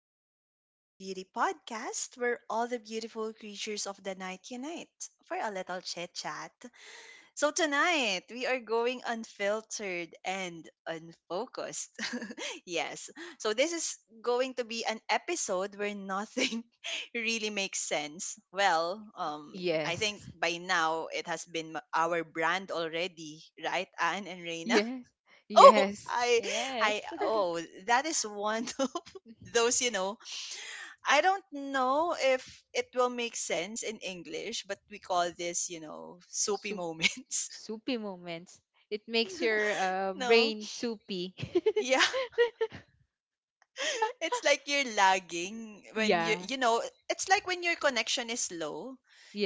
back to the Sleepless Beauty podcast, where all the beautiful creatures of the night unite for a little chit chat. So, tonight we are going unfiltered and unfocused. yes, so this is going to be an episode where nothing really makes sense. I think Yes, by now it has been our brand already, right, Anne and Reina? yes, oh yes. I Yes. oh that is one of those I don't know if it will make sense in English, but we call this, soapy Soup, moments. soupy moments. It you makes know your no. brain soupy. Yeah. It's like you're lagging when you yeah, you know it's like when your connection is low,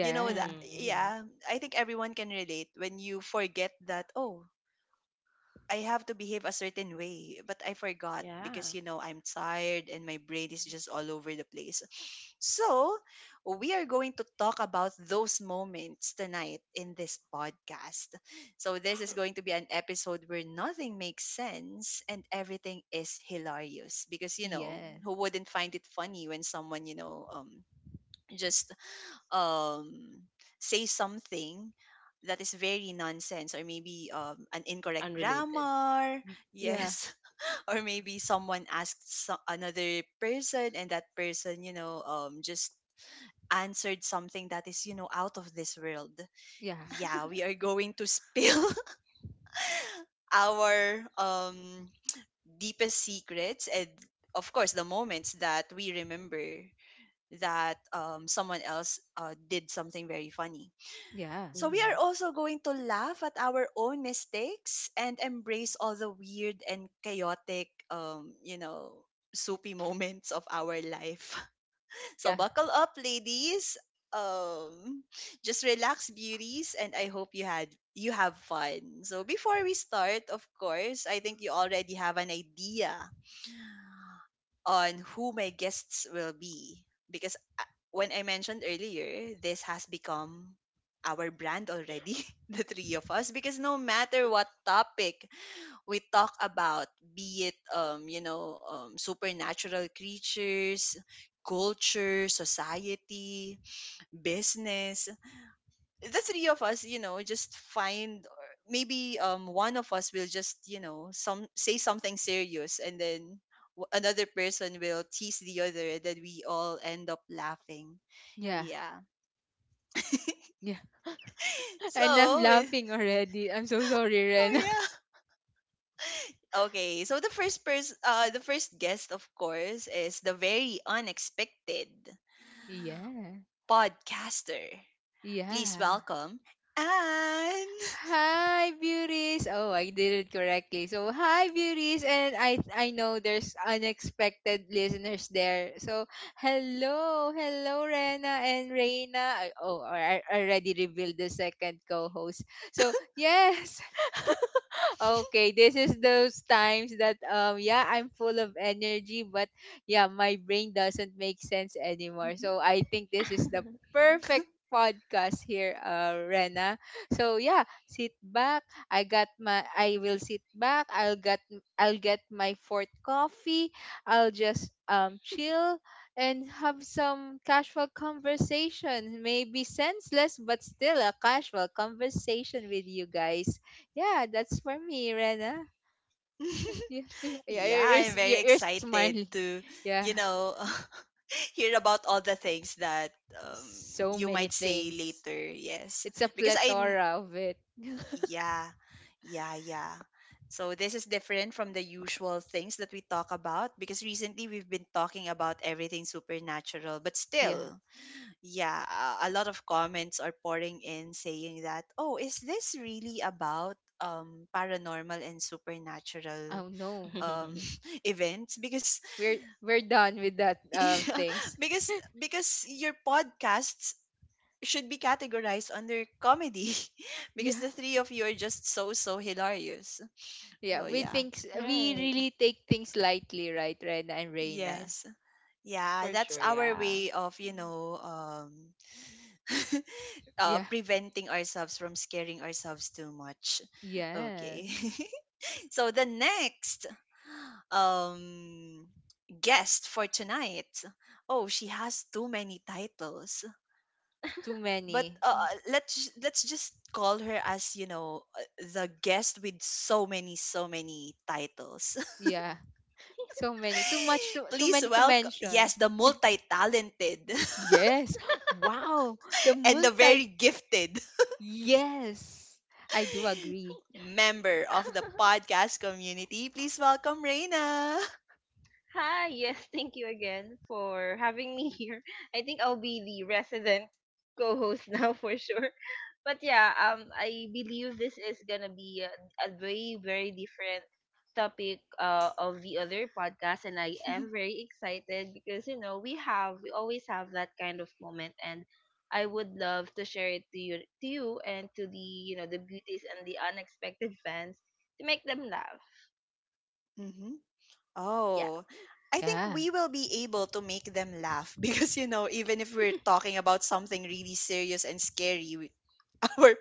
you know that? Mm-hmm, hmm. Yeah, I think everyone can relate when you forget that, oh, I have to behave a certain way, but I forgot because Yeah. you know I'm tired and my brain is just all over the place. So, we are going to talk about those moments tonight in this podcast. So, this is going to be an episode where nothing makes sense and everything is hilarious because you know, yes. who wouldn't find it funny when someone, you know, just um, say something that is very nonsense or maybe an incorrect Unrelated. grammar. Yeah, Yes. Or maybe someone asked another person and that person, just answered something that is, you know, out of this world. yeah, Yeah, we are going to spill our deepest secrets and of course the moments that we remember that someone else did something very funny. yeah, So we Mm-hmm. are also going to laugh at our own mistakes and embrace all the weird and chaotic, soupy moments of our life. So yeah, buckle up, ladies. Um, just relax, beauties, and I hope you had you have fun. So before we start, of course, I think you already have an idea on who my guests will be because when I mentioned earlier, this has become our brand already, the three of us, because no matter what topic we talk about, be it supernatural creatures, culture, society, business, the three of us, you know, just find, or maybe one of us will just, you know, some say something serious and then another person will tease the other and then we all end up laughing. yeah, Yeah. yeah. And I'm So with laughing already. I'm so sorry, oh Ren. yeah. Okay, so the first person, the first guest, of course, is the very unexpected yeah, podcaster. Please yeah. welcome Anne. Hi, beauties. Oh, I did it correctly. So, hi, beauties, and I know there's unexpected listeners there. So, hello, hello, Rena and Reina. Oh, I already revealed the second co-host. So, yes. Okay, this is those times that yeah, I'm full of energy, but yeah, my brain doesn't make sense anymore. So, I think this is the perfect podcast here, Rena. So yeah, sit back. I got my I will sit back. I'll get my fourth coffee. I'll just chill and have some casual conversation. Maybe senseless but still a casual conversation with you guys. Yeah, that's for me, Rena. Yeah, yeah, yeah Yeah, I'm very you're smiling. excited to, Yeah, you know hear about all the things that um, so you many might say things. later. Yes, It's a because plethora of it. yeah, yeah. So this is different from the usual things that we talk about because recently we've been talking about everything supernatural, but Yeah. still, yeah, a lot of comments are pouring in saying that, oh, is this really about paranormal and supernatural Oh no. um events? Because we're done with that things. because your podcasts should be categorized under comedy because Yeah, the three of you are just so hilarious. yeah. So We yeah. thinks we Right. really take things lightly, right, Rena and Reina? Yes. Yeah, For that's sure, our yeah. way of, you know, Yeah. preventing ourselves from scaring ourselves too much. Okay. Yes. So the next um guest for tonight. Oh, she has too many titles. It's too But many. let's just call her as, you know, the guest with so many titles. Yeah. So many. Too Please many to welcome, mention. yes, the multi-talented Yes. Wow. The and the multi. very gifted Yes. I do agree. member of the podcast community. Please welcome Reina. Hi, yes, thank you again for having me here. I think I'll be the resident co-host now for sure. But yeah, I believe this is going to be a very very different topic of the other podcast, and I am very excited because you know, we always have that kind of moment, and I would love to share it to you and to the beauties and the unexpected fans to make them laugh. hmm Yeah. Oh, I think Yeah. we will be able to make them laugh because, you know, even if we're talking about something really serious and scary, our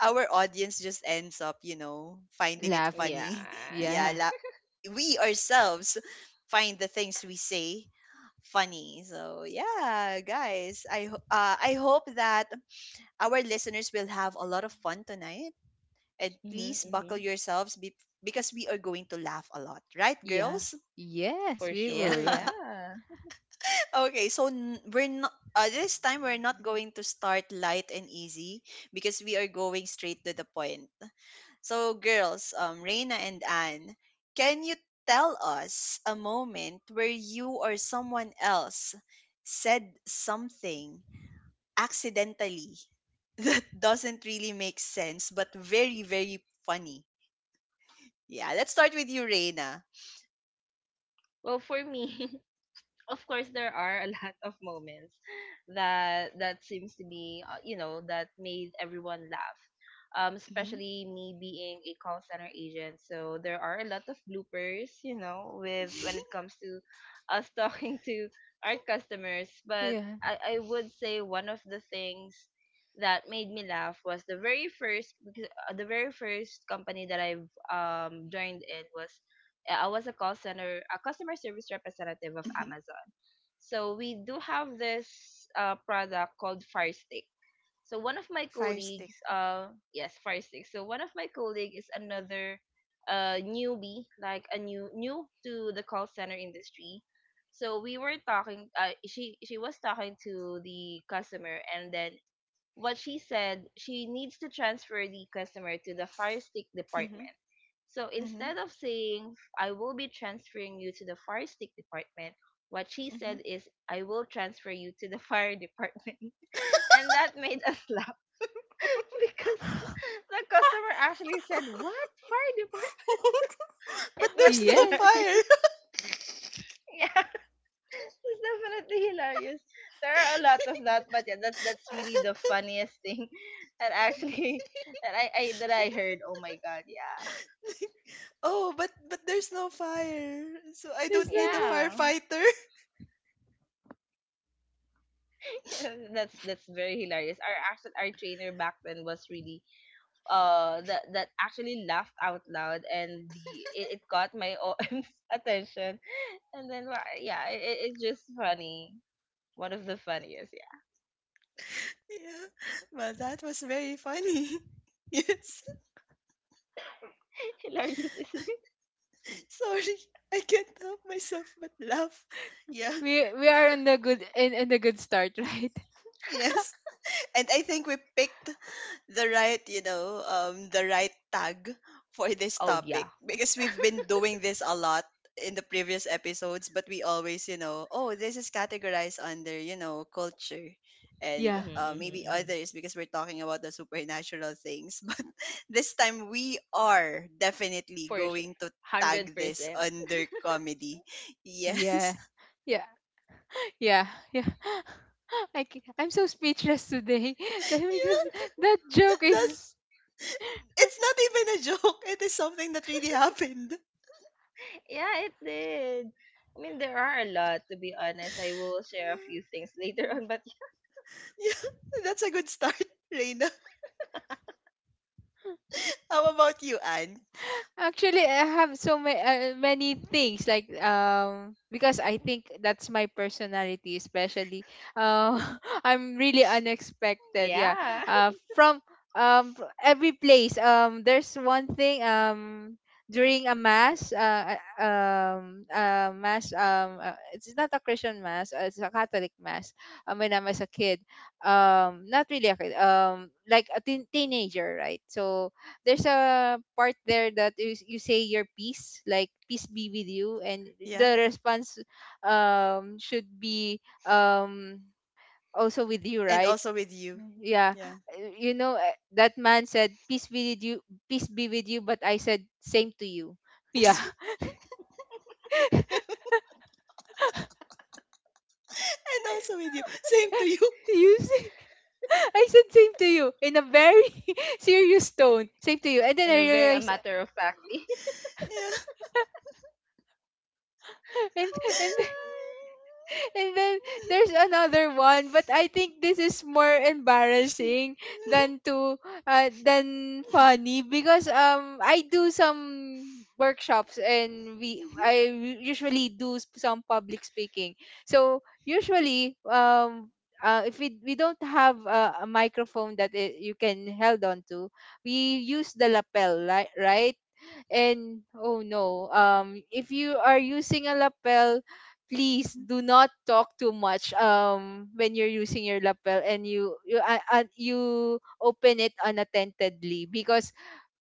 our audience just ends up, you know, finding it Laughing. Yeah. funny. Yeah, Yeah. We ourselves find the things we say funny. So yeah, guys, I hope that our listeners will have a lot of fun tonight, and please buckle Mhm. yourselves because we are going to laugh a lot, right, Yeah. girls? Yes, For we Yeah. will sure, laugh. yeah. Okay, so n- we're not this time we're not going to start light and easy because we are going straight to the point. So girls, Reina and Anne, can you tell us a moment where you or someone else said something accidentally, doesn't really make sense but very funny. Yeah, let's start with you, Reina. Well, for me, of course, there are a lot of moments that seems to be, that made everyone laugh. Mhm. Especially me being a call center agent, so there are a lot of bloopers, with when it comes to us talking to our customers. But Yeah. I would say one of the things that made me laugh was the very first, because the very first company that I've joined in was I was a call center, a customer service representative of Mhm. Amazon. So we do have this product called Fire Stick. So one of my Fire stick. colleagues, yes, Fire Stick. So one of my colleague is another newbie, like a new to the call center industry. So we were talking. She was talking to the customer, and then what she said, she needs to transfer the customer to the Fire Stick department. Mhm. So Mhm. instead of saying, "I will be transferring you to the fire stick department," what she Mhm. said is, "I will transfer you to the fire department." And that made us laugh because the customer actually said, "What? Fire department?" But It was there's no Yes. fire. hilarious. Yeah, it's definitely hilarious. There are a lot of that, but yeah, that's really the funniest thing that actually that I that I heard. Oh my god, yeah. Oh, but there's no fire. So I don't There's need no a more. Yeah. firefighter. That's very hilarious. Our trainer back then was really that actually laughed out loud, and it got my OM's attention, and then yeah, it's just funny. One of the funniest, yeah, Yeah. Well, that was very funny. Yes. hilarious, isn't it? Sorry. I can't help myself but laugh. Yeah. We are in in the good start, right? Yes. And I think we picked the right, you know, the right tag for this Oh topic yeah, because we've been doing this a lot in the previous episodes, but we always, you know, oh, this is categorized under, you know, culture and Yeah. mm-hmm, maybe mm-hmm. Others because we're talking about the supernatural things. But this time we are definitely For sure, going to hundred tag this percent. under comedy. Yes. Yeah. Yeah. Yeah. Yeah. I'm so speechless today that because Yeah, that joke that's, is. it's not even a joke. It is something that really happened. Yeah, it did. I mean, there are a lot to be honest. I will share a few Yeah. things later on, but Yeah, that's a good start, Reina. How about you, Anne? Actually, I have many things like because I think that's my personality especially. Uh, I'm really unexpected. Yeah. yeah, Uh, from every place. There's one thing. During a mass. Mass. It's not a Christian mass. It's a Catholic mass. When I was a kid. Not really a kid. Like a teenager, right? So there's a part there that you say your peace, like peace be with you, and Yeah. the response should be also with you, And right? also with you. Yeah. Yeah. You know, that man said peace be with you, but I said same to you. Yeah. And also with you. Same to you. Do you see? I said same to you in a very serious tone. Same to you. And then in I a very a realized. matter of factly. Yeah. and and and then there's another one, but I think this is more embarrassing than to than funny, because I do some workshops and we Mhm. I usually do some public speaking. So usually if we don't have a microphone that I you can held on to, we use the lapel, right? And oh no, if you are using a lapel, please do not talk too much when you're using your lapel and you you open it unattentedly, because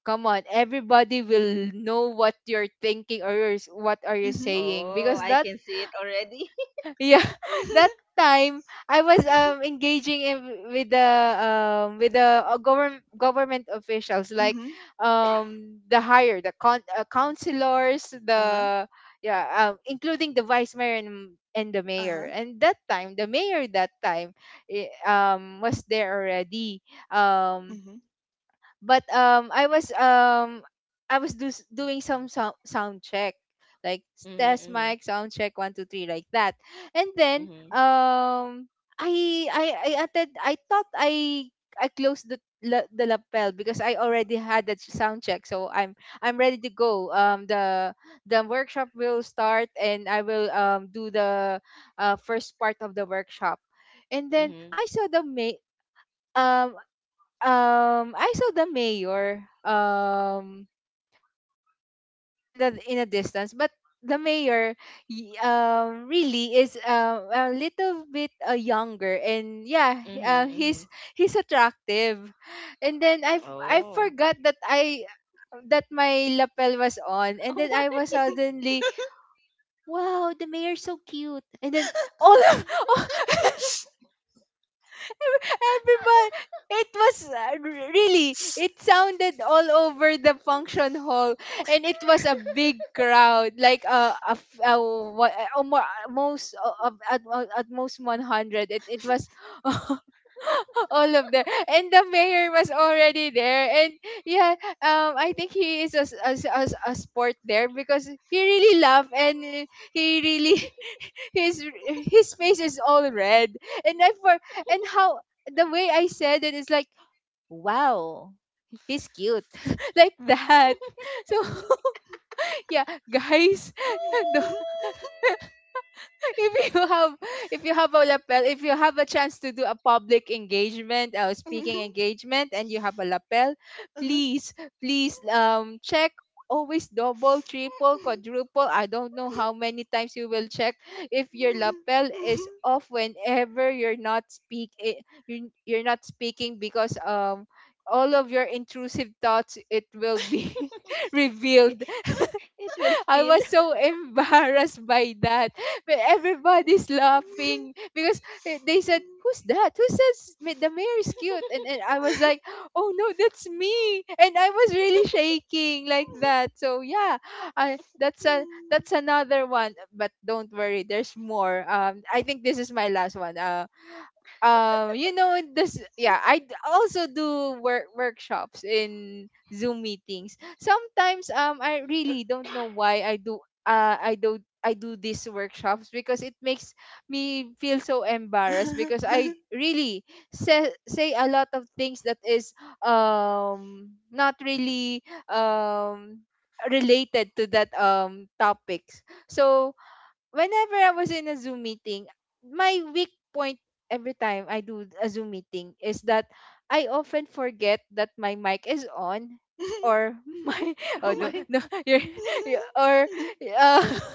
come on, everybody will know what you're thinking or you what are you saying, Oh, because I that. can see it already. Yeah. That time I was engaging in with the government officials like the higher the counselors, Uh-huh. the. Yeah. Um, including the vice mayor and the mayor, Uh-huh. and that time the mayor that time eh, was there already. Um. Mhm. But I was doing some sound check, like test Mhm, mic sound check 1 2 3, like that. And then mhm, I thought I closed the lapel because I already had the sound check, so I'm ready to go. The workshop will start and I will do the first part of the workshop. And mhm, then mhm, um I saw the mayor in the in a distance. But the mayor, really is a little bit younger, and yeah, mhm, he's mhm. Attractive. And then I Oh, forgot that I that my lapel was on, and oh then my! I was suddenly, wow, the mayor's so cute. And then all of everybody, it was really, it sounded all over the function hall, and it was a big crowd like a, f- what, almo- most at most 100 it, it was. All of them. And the mayor was already there. And yeah, I think he is a sport there, because he really laughed, and he really, his face is all red. and i for and how the way I said it is like, wow, he's cute. Like that. So yeah, guys. Don't. If you have, if you have a lapel, if you have a chance to do a public engagement, speaking Mhm. engagement, and you have a lapel, please, please, check, always double, triple, quadruple, I don't know how many times you will check, if your lapel is off whenever you're not you're not speaking, because all of your intrusive thoughts, it will be It, revealed. it will I spill. was so embarrassed by that. But everybody's laughing, because they said, who's that? Who says the mayor is cute? And I was like, oh no, that's me. And I was really shaking like that. So yeah, that's a that's another one. But don't worry, there's more. I think this is my last one. You know this. Yeah, also do workshops in Zoom meetings. Sometimes I really don't know why I do, I do these workshops, because it makes me feel so embarrassed, because I really say a lot of things that is not really related to that topics. So whenever I was in a Zoom meeting, my weak point every time I do a Zoom meeting is that I often forget that my mic is on, or Uh-huh. my Oh oh no my! no. you're, you- or uh,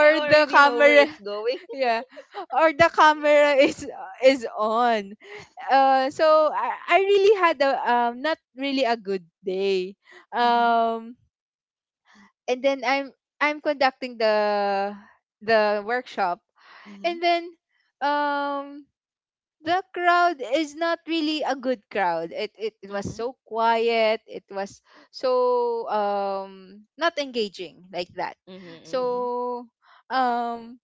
I the already know where camera. it's going. Yeah. Or the camera is on. So I really had a not really a good day. Mhm, Um. And then I'm conducting the workshop. mhm, And then um the crowd is not really a good crowd, it, it mhm, was so quiet, it was so not engaging, like that. Mhm, mhm. mhm, so um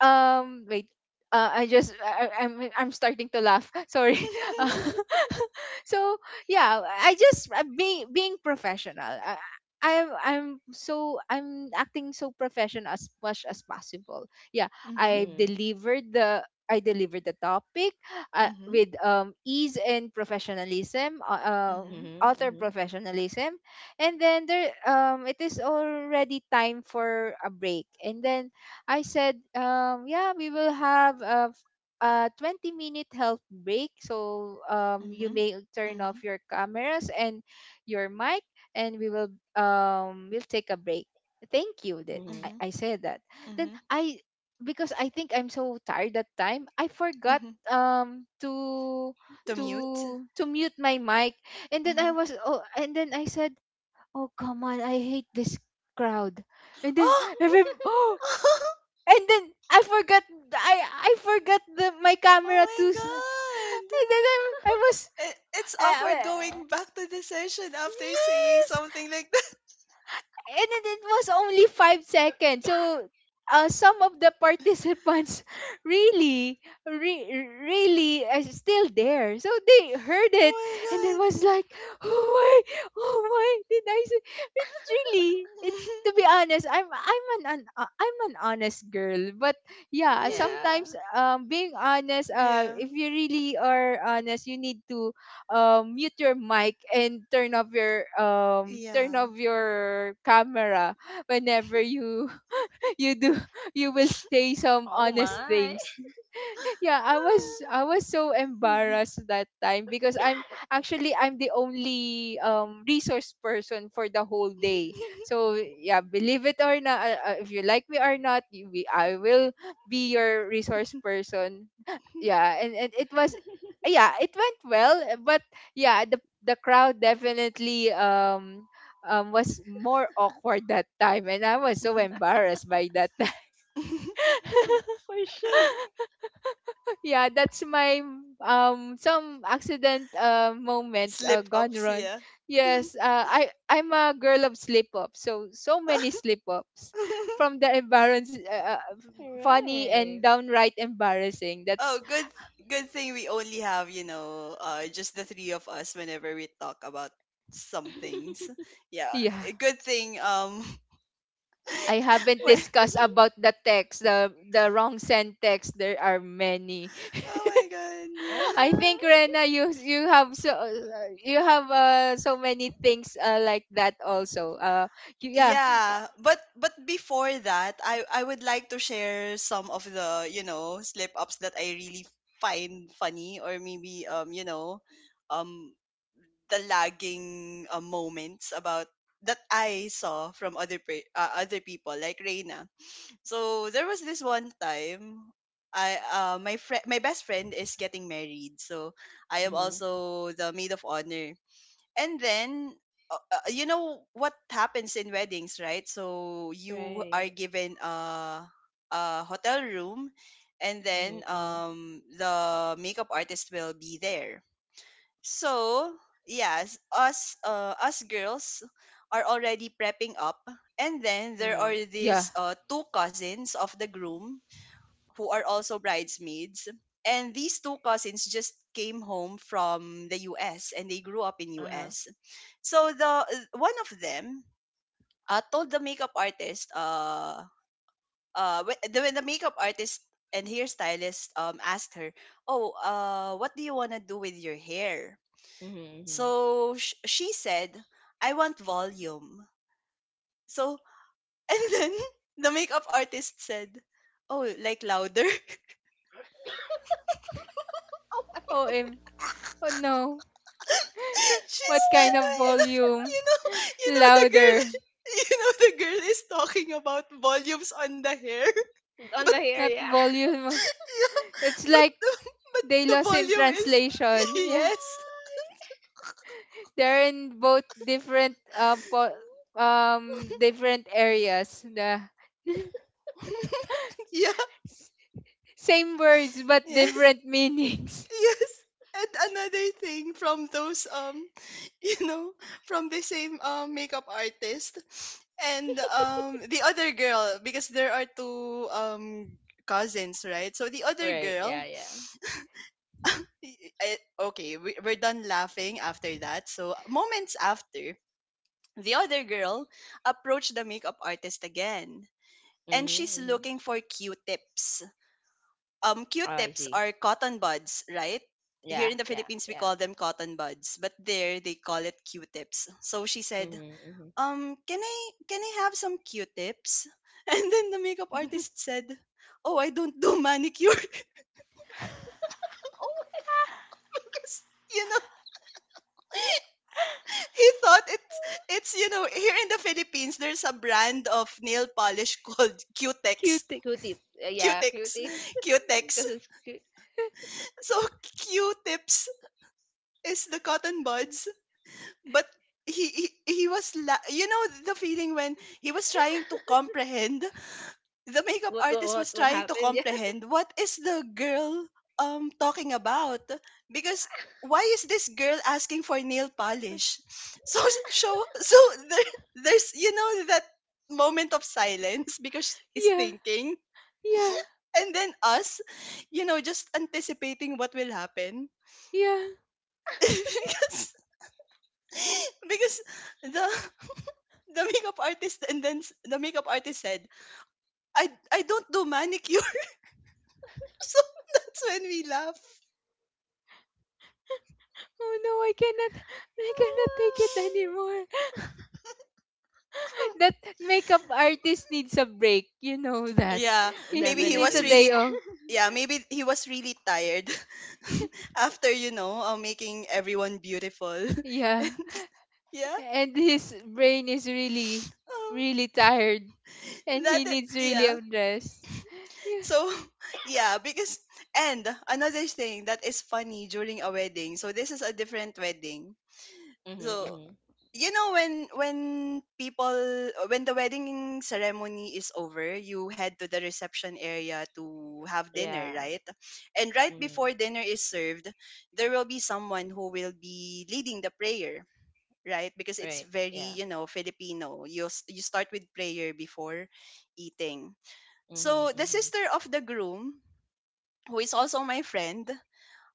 Wait, I'm starting to laugh. Sorry. Uh, so yeah, being professional, I'm, so I'm acting so professional as much as possible. Yeah, Mhm, mhm, I delivered the topic mhm, with ease and professionalism, mhm, mhm, mhm, author mhm, professionalism. And then there it is already time for a break. And then I said, yeah, we will have a 20-minute health break. So you mhm, may turn off mhm, your cameras and your mic, and we will we'll take a break. Thank you. That mhm. mhm, I said that. Then I because I think I'm so tired that time, I forgot mhm. To The to mute. to mute my mic. And then I Mhm. was oh, and then I said, oh come on, I hate this crowd. And then Oh! every And then I I forgot the my camera too. Oh my god! And then I was It, it's uh, awkward uh, going back to the session after saying yes. something like that. And it was only 5 seconds. So some of the participants really, really still there. So they heard it, and it Oh was my like, oh my, oh my, did I say? It's really, it's, to be honest, I'm an, I'm an honest girl. But yeah, sometimes Yeah. Being honest, god! Yeah. if you really are honest, you need to mute your mic and turn Yeah. off your camera whenever you you do you will say some Oh honest my! things. Yeah, I was so embarrassed that time, because I'm actually I'm the only resource person for the whole day. So yeah, believe it or not, if you like me or not, I will be your resource person. Yeah. And it was, yeah, it went well, but yeah, the crowd definitely was more awkward that time, and I was so embarrassed by that time. For sure. Yeah, that's my some accident moments Slip gone ups, wrong. yeah. Yes, I I'm a girl of slip ups. So so many slip ups, from the embarrass funny and Right. downright embarrassing. Oh, That's good thing we only have, you know, just the three of us whenever we talk about some things. Yeah, yeah. a good thing I haven't when, discussed about the text, the wrong send text. There are many. oh my god, Oh yeah. I think Rena, my! You have so, you have so many things like that also. Yeah, Yeah, but before that, I would like to share some of the, you know, slip-ups that I really find funny or maybe, um the lagging moments about that I saw from other other people like Reina. So there was this one time I my friend my best friend is getting married. So I am Mhm. also the maid of honor. And then you know what happens in weddings, right? So you are Right. given a hotel room and then Mhm, mhm, the makeup artist will be there. So, yes, us girls are already prepping up, and then there are mhm. yeah. these two cousins of the groom who are also bridesmaids, and these two cousins just came home from the US and they grew up in Uh huh. US. So the one of them told the makeup artist, when the makeup artist and hairstylist asked her, "Oh, what do you want to do with your hair?" Mhm, mhm. So she said, I want volume. So, and then the makeup artist said, Oh, like louder. Oh Oh, my! em. Oh no. She's, What I kind of mean, you know, volume? you know, you know, the girl, Louder, you know, the girl is talking about volumes on the hair. On the hair, not yeah. volume. Yeah, It's but like they the lost in volume is, translation. Yeah, yes. they're in both different different areas. The Yeah, Same words but yes, different meanings. yes. And another thing from those you know, from the same makeup artist. And the other girl, because there are two cousins, right? So the other Right. girl, Yeah. Yeah. y- y- I, okay, we're done laughing after that. So moments after, the other girl approached the makeup artist again. And Mhm. she's Mhm. looking for Q-tips. Oh, I Q-tips see. are cotton buds, right? Here Yeah. in the Yeah. Philippines, we Yeah. call them cotton buds, but there they call it Q-tips. So she said, Mhm. Mhm. um, can I can I have some Q-tips? And then the makeup artist said, "Oh, I don't do manicure." Oh, what? Because, you know, he thought it's, you know, here in the Philippines there's a brand of nail polish called Q-tip. Cutics. Yeah, Q-Tex, Yeah. Q-tips. Q-Tex. Because it's cute. So Q-tips is the cotton buds, but he was you know the feeling when he was trying to comprehend, the makeup What? What? artist What? was What trying to happened? Yeah. comprehend what is the girl talking about, because why is this girl asking for nail polish? so so so there, there's, you know, that moment of silence because it's Yeah. thinking, Yeah. and then us, you know, just anticipating what will happen. Yeah. Because, because the the makeup artist, and then the makeup artist said, i I don't do manicure. So that's when we laugh. Oh no, I cannot take it Oh my. anymore. That makeup artist needs a break. You know that. Yeah, Mm, He, maybe he he needs was a definitely. day really, off. yeah, maybe he was really tired after, you know, making everyone beautiful. Yeah. Yeah. And his brain is Oh, really tired and he needs really yeah. a rest. Yeah. So, yeah, because, and another thing that is funny during a wedding. So this is a different wedding. Mhm. So, Mhm. you know, when people when the wedding ceremony is over, you head to the reception area to have dinner, Yeah. right? And right Mhm. before dinner is served, there will be someone who will be leading the prayer, right? Because it's Right. very, Yeah. Filipino, you start with prayer before eating. Mhm. So the Mhm. sister of the groom, who is also my friend,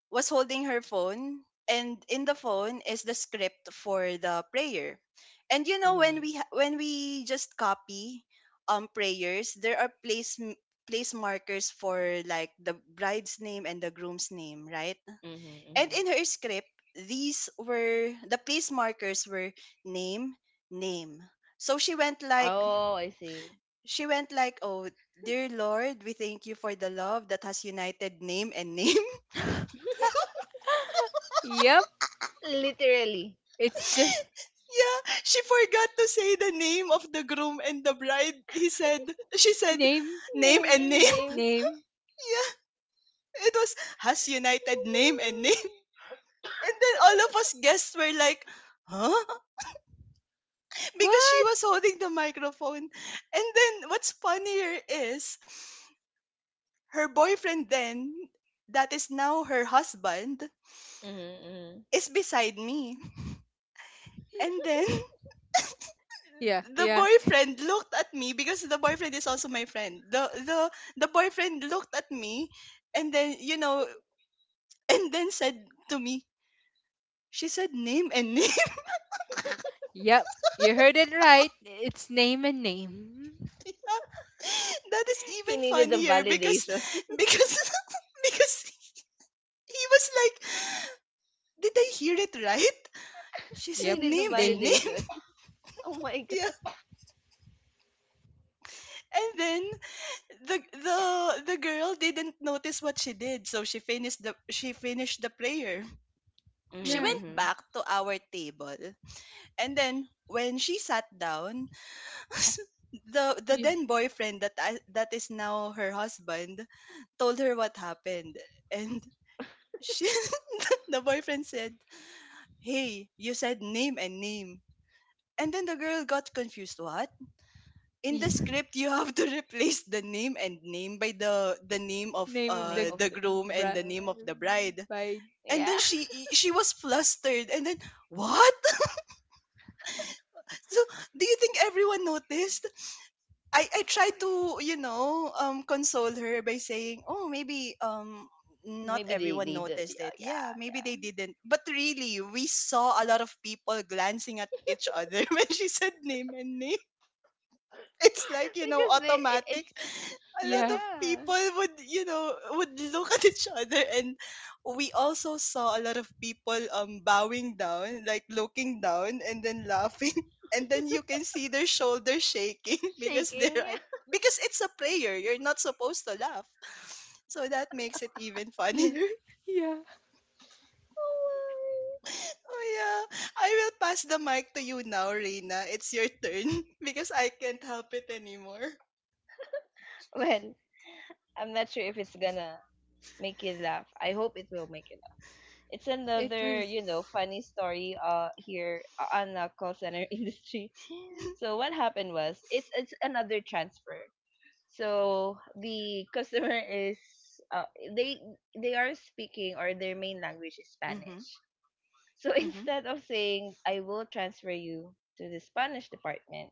was holding her phone, and in the phone is the script for the prayer. And when Mhm. We just copy prayers, there are place, place markers for, like, the bride's name and the groom's name, right? Mhm. And Mhm. in her script, these were — the place markers were: name, name. So she went like, Oh, I see. Oh, dear Lord, we thank you for the love that has united name and name. Yep. Literally. It's just Yeah, she forgot to say the name of the groom and the bride. She said, name name Name and and name. name. name. Yeah, it was, has united name and Oh name. my. And then all of us guests were like, huh? Because What? she was holding the microphone. And then what's funnier is, her boyfriend then, that is now her husband, Mhm. Mhm. is beside me. And then Yeah. the Yeah. boyfriend looked at me because the boyfriend is also my friend. The boyfriend looked at me, and then and then said to me, she said name and name. Yep, you heard it right. It's name and name. That is even He needed the funnier because, validation. because because he was like, did I hear it right? She You said Yep, needed the name and they. name. validation. Oh my Yeah. god. And then the the the girl didn't notice what she did, so she finished the, prayer. She Mm-hmm, Yeah, went mm-hmm. back to our table. And then when she sat down, the yeah. then boyfriend that is now her husband, told her what happened, and she the boyfriend said, "Hey, you said name and name." And then the girl got confused. What? In the script, you have to replace the name and name by the name of Name of Name the the of the, groom and bride. the name of the bride. And yeah, then she was flustered. And then, what? So, do you think everyone noticed? I I of try to, course. Console her by saying, oh, maybe, not Maybe they everyone they the noticed it. yeah, Yeah, yeah. maybe they didn't. But really, we saw a lot of people glancing at each other when she said name and name. It's like, Because they it, automatic, it's a lot Yeah, of yeah people would, would look at each other, and we also saw a lot of people bowing down, like, looking down, and then laughing. And then you can see their shoulders shaking because, shaking, yeah. Because it's a prayer, you're not supposed to laugh. So that makes it even yeah, funnier. yeah. Oh Oh yeah, I will pass the mic to you now, Reina. It's your turn. Because I can't help it anymore. my. Well, I'm not sure if it's gonna make you laugh. I hope it will make you laugh. It's It another will. Funny story here, on the call center industry. So what happened was it's another transfer. So the customer is, uh, they they are speaking, or their main language is Mm-hmm. Spanish. So Mm-hmm. instead of saying, "I will transfer you to the Spanish department,"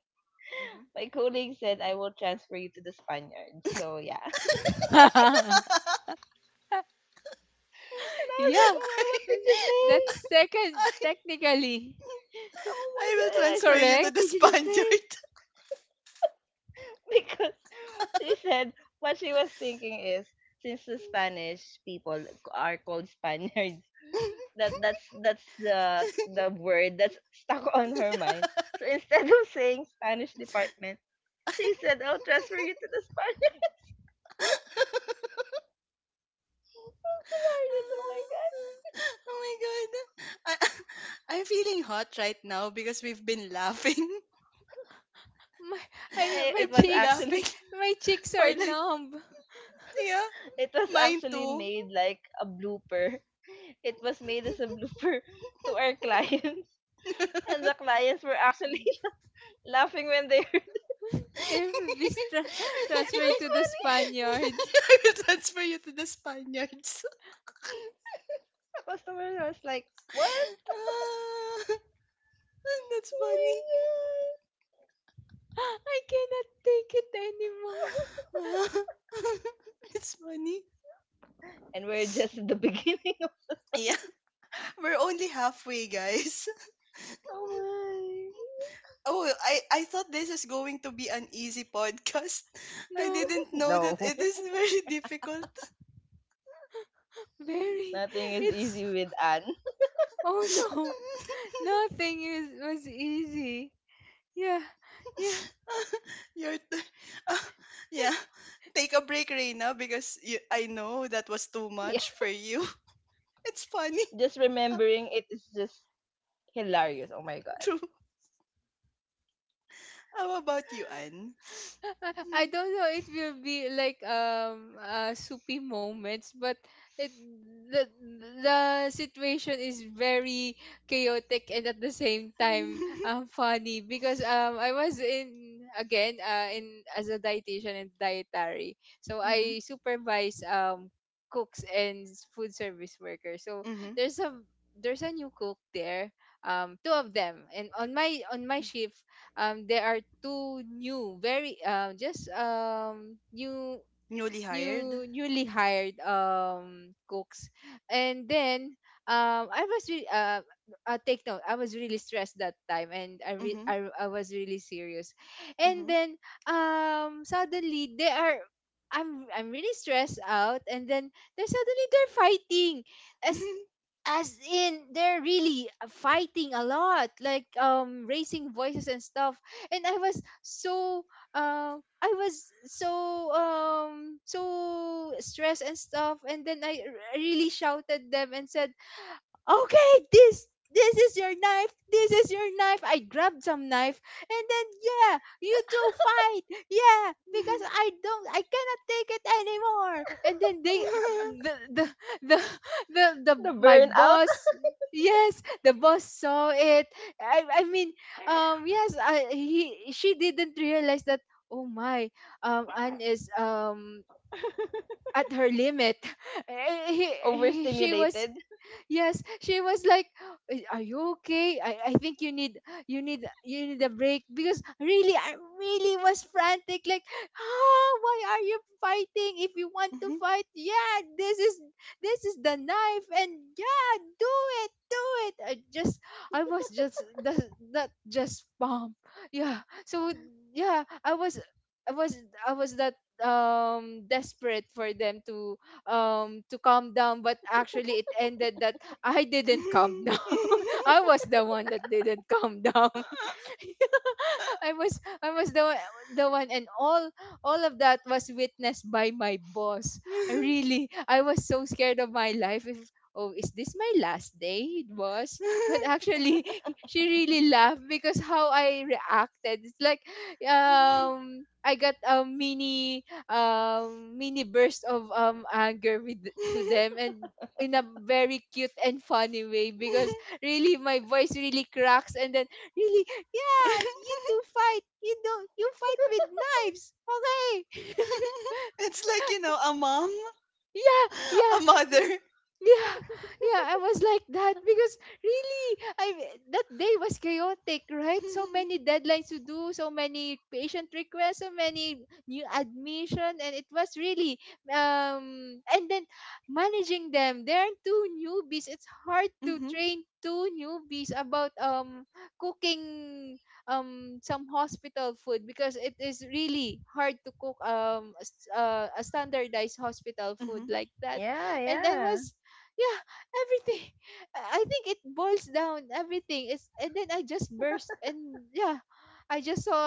my colleague said, "I will transfer you to the Spaniards." So yeah. Hmm. And I was Yeah, like, "Oh my, what did and you say? that's second, I, technically Oh I my will god!" And I transfer said, you to "What the did correct. you just say?" Spaniard. Because she said, what she was thinking is, since the Spanish people are called Spaniards, Oh that's the word that's stuck on her mind. So instead of saying Spanish department, she said, "I'll transfer you to the Spanish." That's hilarious! Oh my god! my god. I, I'm feeling hot right now because we've been laughing. My, I mean, Eh, It We've was been laughing actually my cheeks for, are it like, numb. yeah, it was mine actually too. made like a blooper. It was made as a blooper to our clients, and the clients were actually laughing when they heard. They will be It transferred was to the funny. Spaniards. I will transfer you to the Spaniards. The customer was like, "What? Ah, that's Oh funny. my god!" I cannot take it anymore. Ah, it's funny. And we're just at the beginning. Yeah, we're only halfway, guys. Oh Oh, I thought this is going to be an easy podcast. I No, didn't my. know that it No. is very difficult. very. Nothing is It's easy with Anne. oh no, nothing is was easy. Yeah, yeah. Your turn. Yeah, take a break, Reina, because you, I know that was too Yeah. much for you. It's funny. Just Ah, remembering it is just hilarious. Oh my god. true. How about you, Anne? I don't know. It will be like soupy moments, but it the the situation is very chaotic, and at the same time funny because I was in again in as a dietitian and dietary, so Mm-hmm, I supervise cooks and food service workers. So mm-hmm. there's a there's a new cook there, two of them, and on my shift there are two new very just new Newly hired. Newly hired cooks. And then I was really take note, I was really stressed that time and i re- Mm-hmm, I, I was really serious. And then suddenly they are I'm really stressed out, and then they suddenly they're fighting, as as in they're really fighting a lot, like raising voices and stuff. And I was so I was so stressed and stuff, and then really shouted them and said, okay, this is your knife. This is your knife. I grabbed some knife, and then yeah, you two fight. Yeah, because I cannot take it anymore. And then the the the The my burnout. boss yes, the boss saw it. I I mean, yes, I, he she didn't realize that oh my, Anne is at her limit. She was Overstimulated. yes, she was like, "Eh, are you okay? I think you need you need a break," because really I really was frantic, like ah, why are you fighting? If you want to mm-hmm. fight, yeah, this is the knife, and yeah, do do it. I just I was just that, that just bomb yeah so yeah I was I was I was that desperate for them to calm down, but actually it ended that I didn't calm down. I was the one that didn't calm down. I was the one, the one, and all of that was witnessed by my boss. I really, I was so scared of my life. If oh, is this my last day, boss? But actually, she really laughed because how I reacted. It's like I got a mini mini burst of anger with to them, and in a very cute and funny way, because really my voice really cracks. And then really yeah, you two fight. You know, you fight with knives. Okay. It's like, a mom, Yeah, a yeah. mother. Yeah, yeah, I was like that because really, I that day was chaotic, right? So many deadlines to do, so many patient requests, so many new admission, and it was really and then managing them. There are two newbies. It's hard to Mhm, train two newbies about cooking some hospital food, because it is really hard to cook a standardized hospital food mhm. like that. Yeah, And I yeah. was yeah, everything. I think it boils down everything. It's, and then I just burst. And yeah, I just saw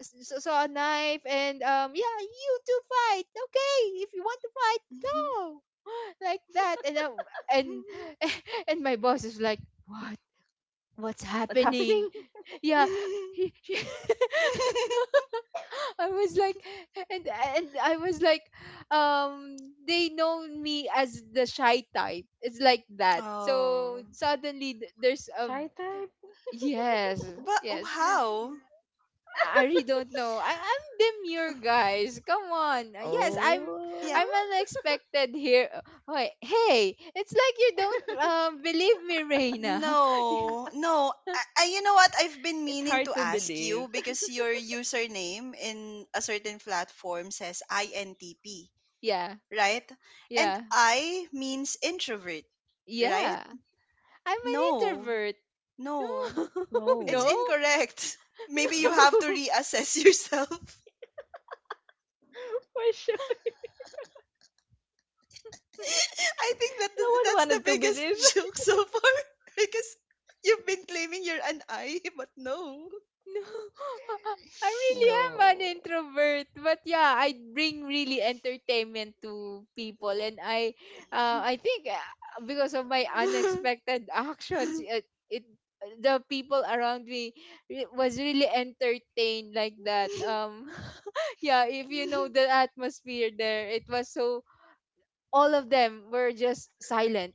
s- s- saw a knife, and yeah, you two fight, okay, if you want to fight, go. Like that. And and and my boss is like, what, what's What's happening? happening? Yeah. She- I was like, and I was like, they know me as the shy type. It's like that. So Oh, suddenly there's a Shy type. yes, but yes. how? I really don't know. I'm demure, guys. Come on. Yes, Yeah, Oh. I'm unexpected here. Oh, hey, it's like you don't believe me, Reina. no, no, I you know what, I've been It's meaning hard to to ask believe. you, because your username in a certain platform says INTP, Yeah, right? And yeah, I means introvert, right? yeah. I'm an No, introvert. no, No, it's No. no. incorrect. Maybe you have to No. reassess yourself. For sure. I think, No that's one the wanted to believe. biggest joke so far, because you've been claiming you're an I, but no. No, I really am an No. introvert, but yeah, I bring really entertainment to people. And I think because of my unexpected actions, it the people around me was really entertained like that. Yeah, if you know the atmosphere there, it was so all of them were just silent,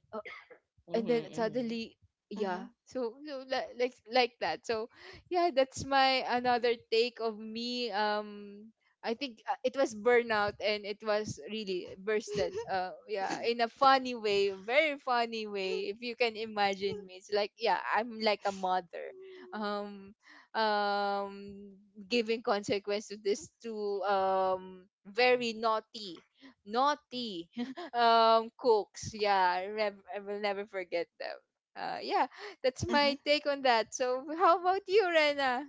and Mm-hmm, then mm-hmm. suddenly Mhm. yeah, like that, so yeah, that's my another take of me. I think It was burnout, and it was really bursted, uh, yeah, in a funny way, very funny way. If you can imagine me, it's like yeah, I'm like a mother um um giving consequence to this to very naughty naughty cooks. Yeah, I will never forget them. Uh, yeah, that's Mhm. my take on that. So how about you, Rena?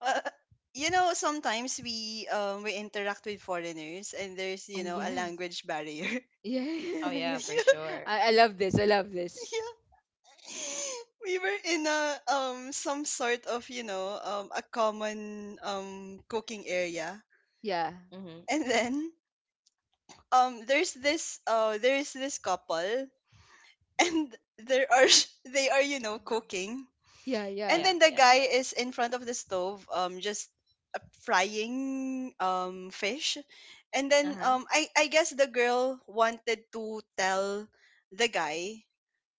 Uh, sometimes we, interact with foreigners, and there's, you Oh know, a yes, language barrier. yeah. Oh yeah, Yeah, for Yeah, sure. I love this. I love this. yeah. We were in a some sort of a common cooking area. Yeah, Mm-hmm. And then, there's this, there's this couple, and there are they are, cooking, yeah, yeah. and Yeah, then the yeah, guy yeah. is in front of the stove, just, frying fish, and then Uh-huh. I guess the girl wanted to tell the guy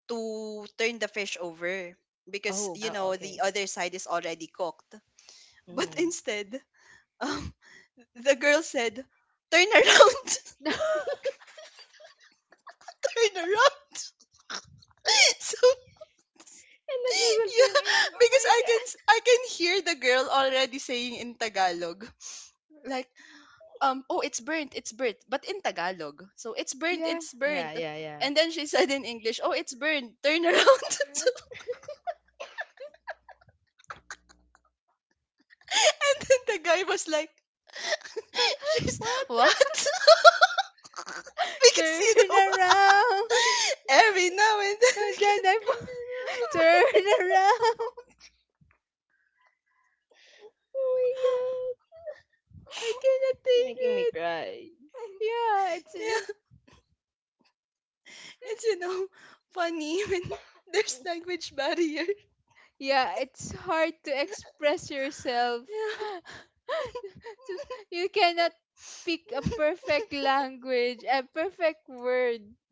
to turn the fish over, because, Oh. Oh, the okay. other side is already cooked. But Mm-hmm. instead, um the girl said, turn around. Turn around. So, And the guy will yeah, turn around. Oh because my i can god. s- i can hear the girl already saying in Tagalog, like, oh, it's burnt, it's burnt — but in Tagalog. So, it's burnt, Yeah. it's burnt. Yeah, yeah, yeah. And then she, said in English, oh, it's burnt, turn around. So, and then the guy was like, she's — What? what? Because, Turn around. every now and then, And I then I fall. Turn around. can Oh my god. I cannot It's take making me it. cry. Yeah, it's yeah, it's, funny when, there's language barrier. yeah, it's hard to express yourself. Yeah. To- you cannot pick a perfect language, a perfect word.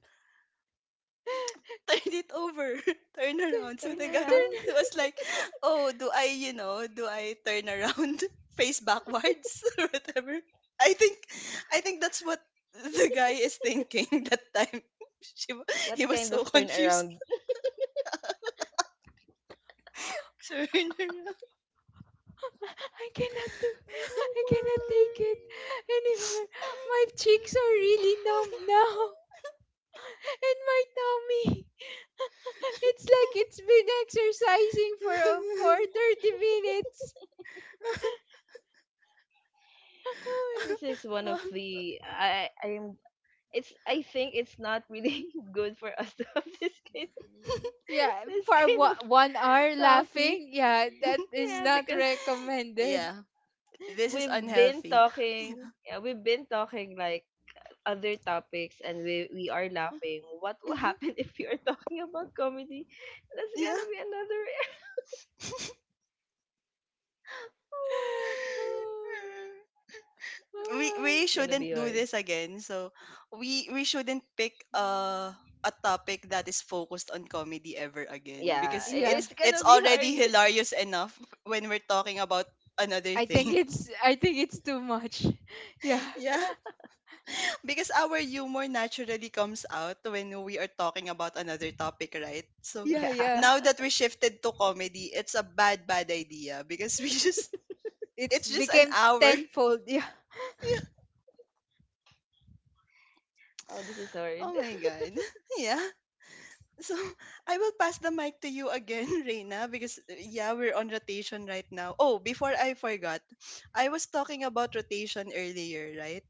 Turn it over, turn around. So Turn the guy was Turn, around. was like, oh, do I turn around face backwards or whatever? I think, I think that's what the guy is thinking that time. She, wa- What he was kind so of turn confused. around? Turn around. I cannot do, Oh I cannot take it my. anymore. My cheeks are really numb now, and my tummy. It's like it's been exercising for 30 minutes. Oh, This is one of the I am it's I think it's not really good for us to have this kind yeah, this for kind of 1 hour topic. laughing, yeah, that is Yeah, not because recommended. Yeah, this is unhealthy. We've been talking, like, other topics and we are laughing. What will happen if you are talking about comedy? That's Yeah. gonna be another. Oh, Oh, We my. it's gonna be shouldn't do hard. this again. So, we shouldn't pick a topic that is focused on comedy ever again, Yeah, because Yeah, it's it's gonna it's be already hard. hilarious enough when we're talking about another thing. I think it's too much. Yeah, Yeah, because our humor naturally comes out when we are talking about another topic, right? So yeah, Yeah. yeah. now that we shifted to comedy, it's a bad, bad idea because we just It's it's just an became hour. tenfold. Oh, this is hard. Oh my god. Yeah. So, I will pass the mic to you again, Reina, because, yeah, we're on rotation right now. Oh, before I forgot, I was talking about rotation earlier, right?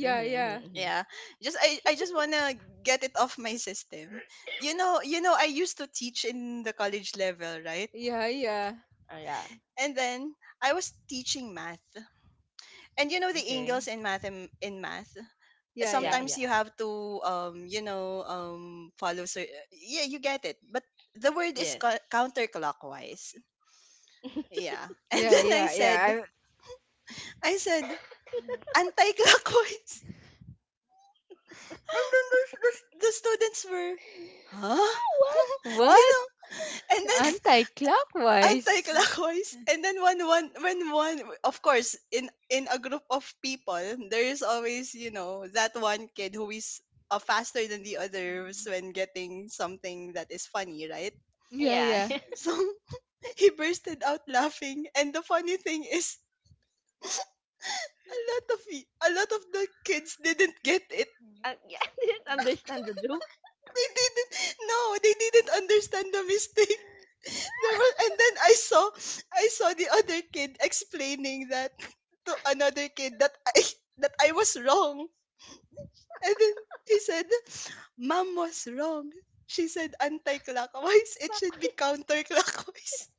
Mm-hmm, mm-hmm, yeah, mm-hmm. Yeah. Just, I just wanna get it off my system. You know, I used to teach in the college level, right? yeah, yeah, Oh, yeah. And then I was teaching math, and you know the Okay. angles in math, in math. yeah, Yeah, yeah, Sometimes yeah. you have to, follow, yeah, you get it. But the word is, Yes. Counterclockwise. Yeah. And yeah, then I yeah, yeah, said, yeah. I- I said, anti-clockwise. And then the students were, huh? Ah, what? You What? know? And then Anti-clockwise? anti-clockwise. And then of course, in a group of people, there is always, that one kid who is, faster than the others when getting something that is funny, right? Yeah, Yeah. yeah. So, he bursted out laughing. And the funny thing is, a lot of, the kids didn't get it. Yeah, I didn't I understand the joke. They didn't No, they didn't understand the mistake. There was And then I saw, the other kid explaining that to another kid that I that I was wrong. And then he said, Mom was wrong. She said anti-clockwise. It should be Backwards. counterclockwise.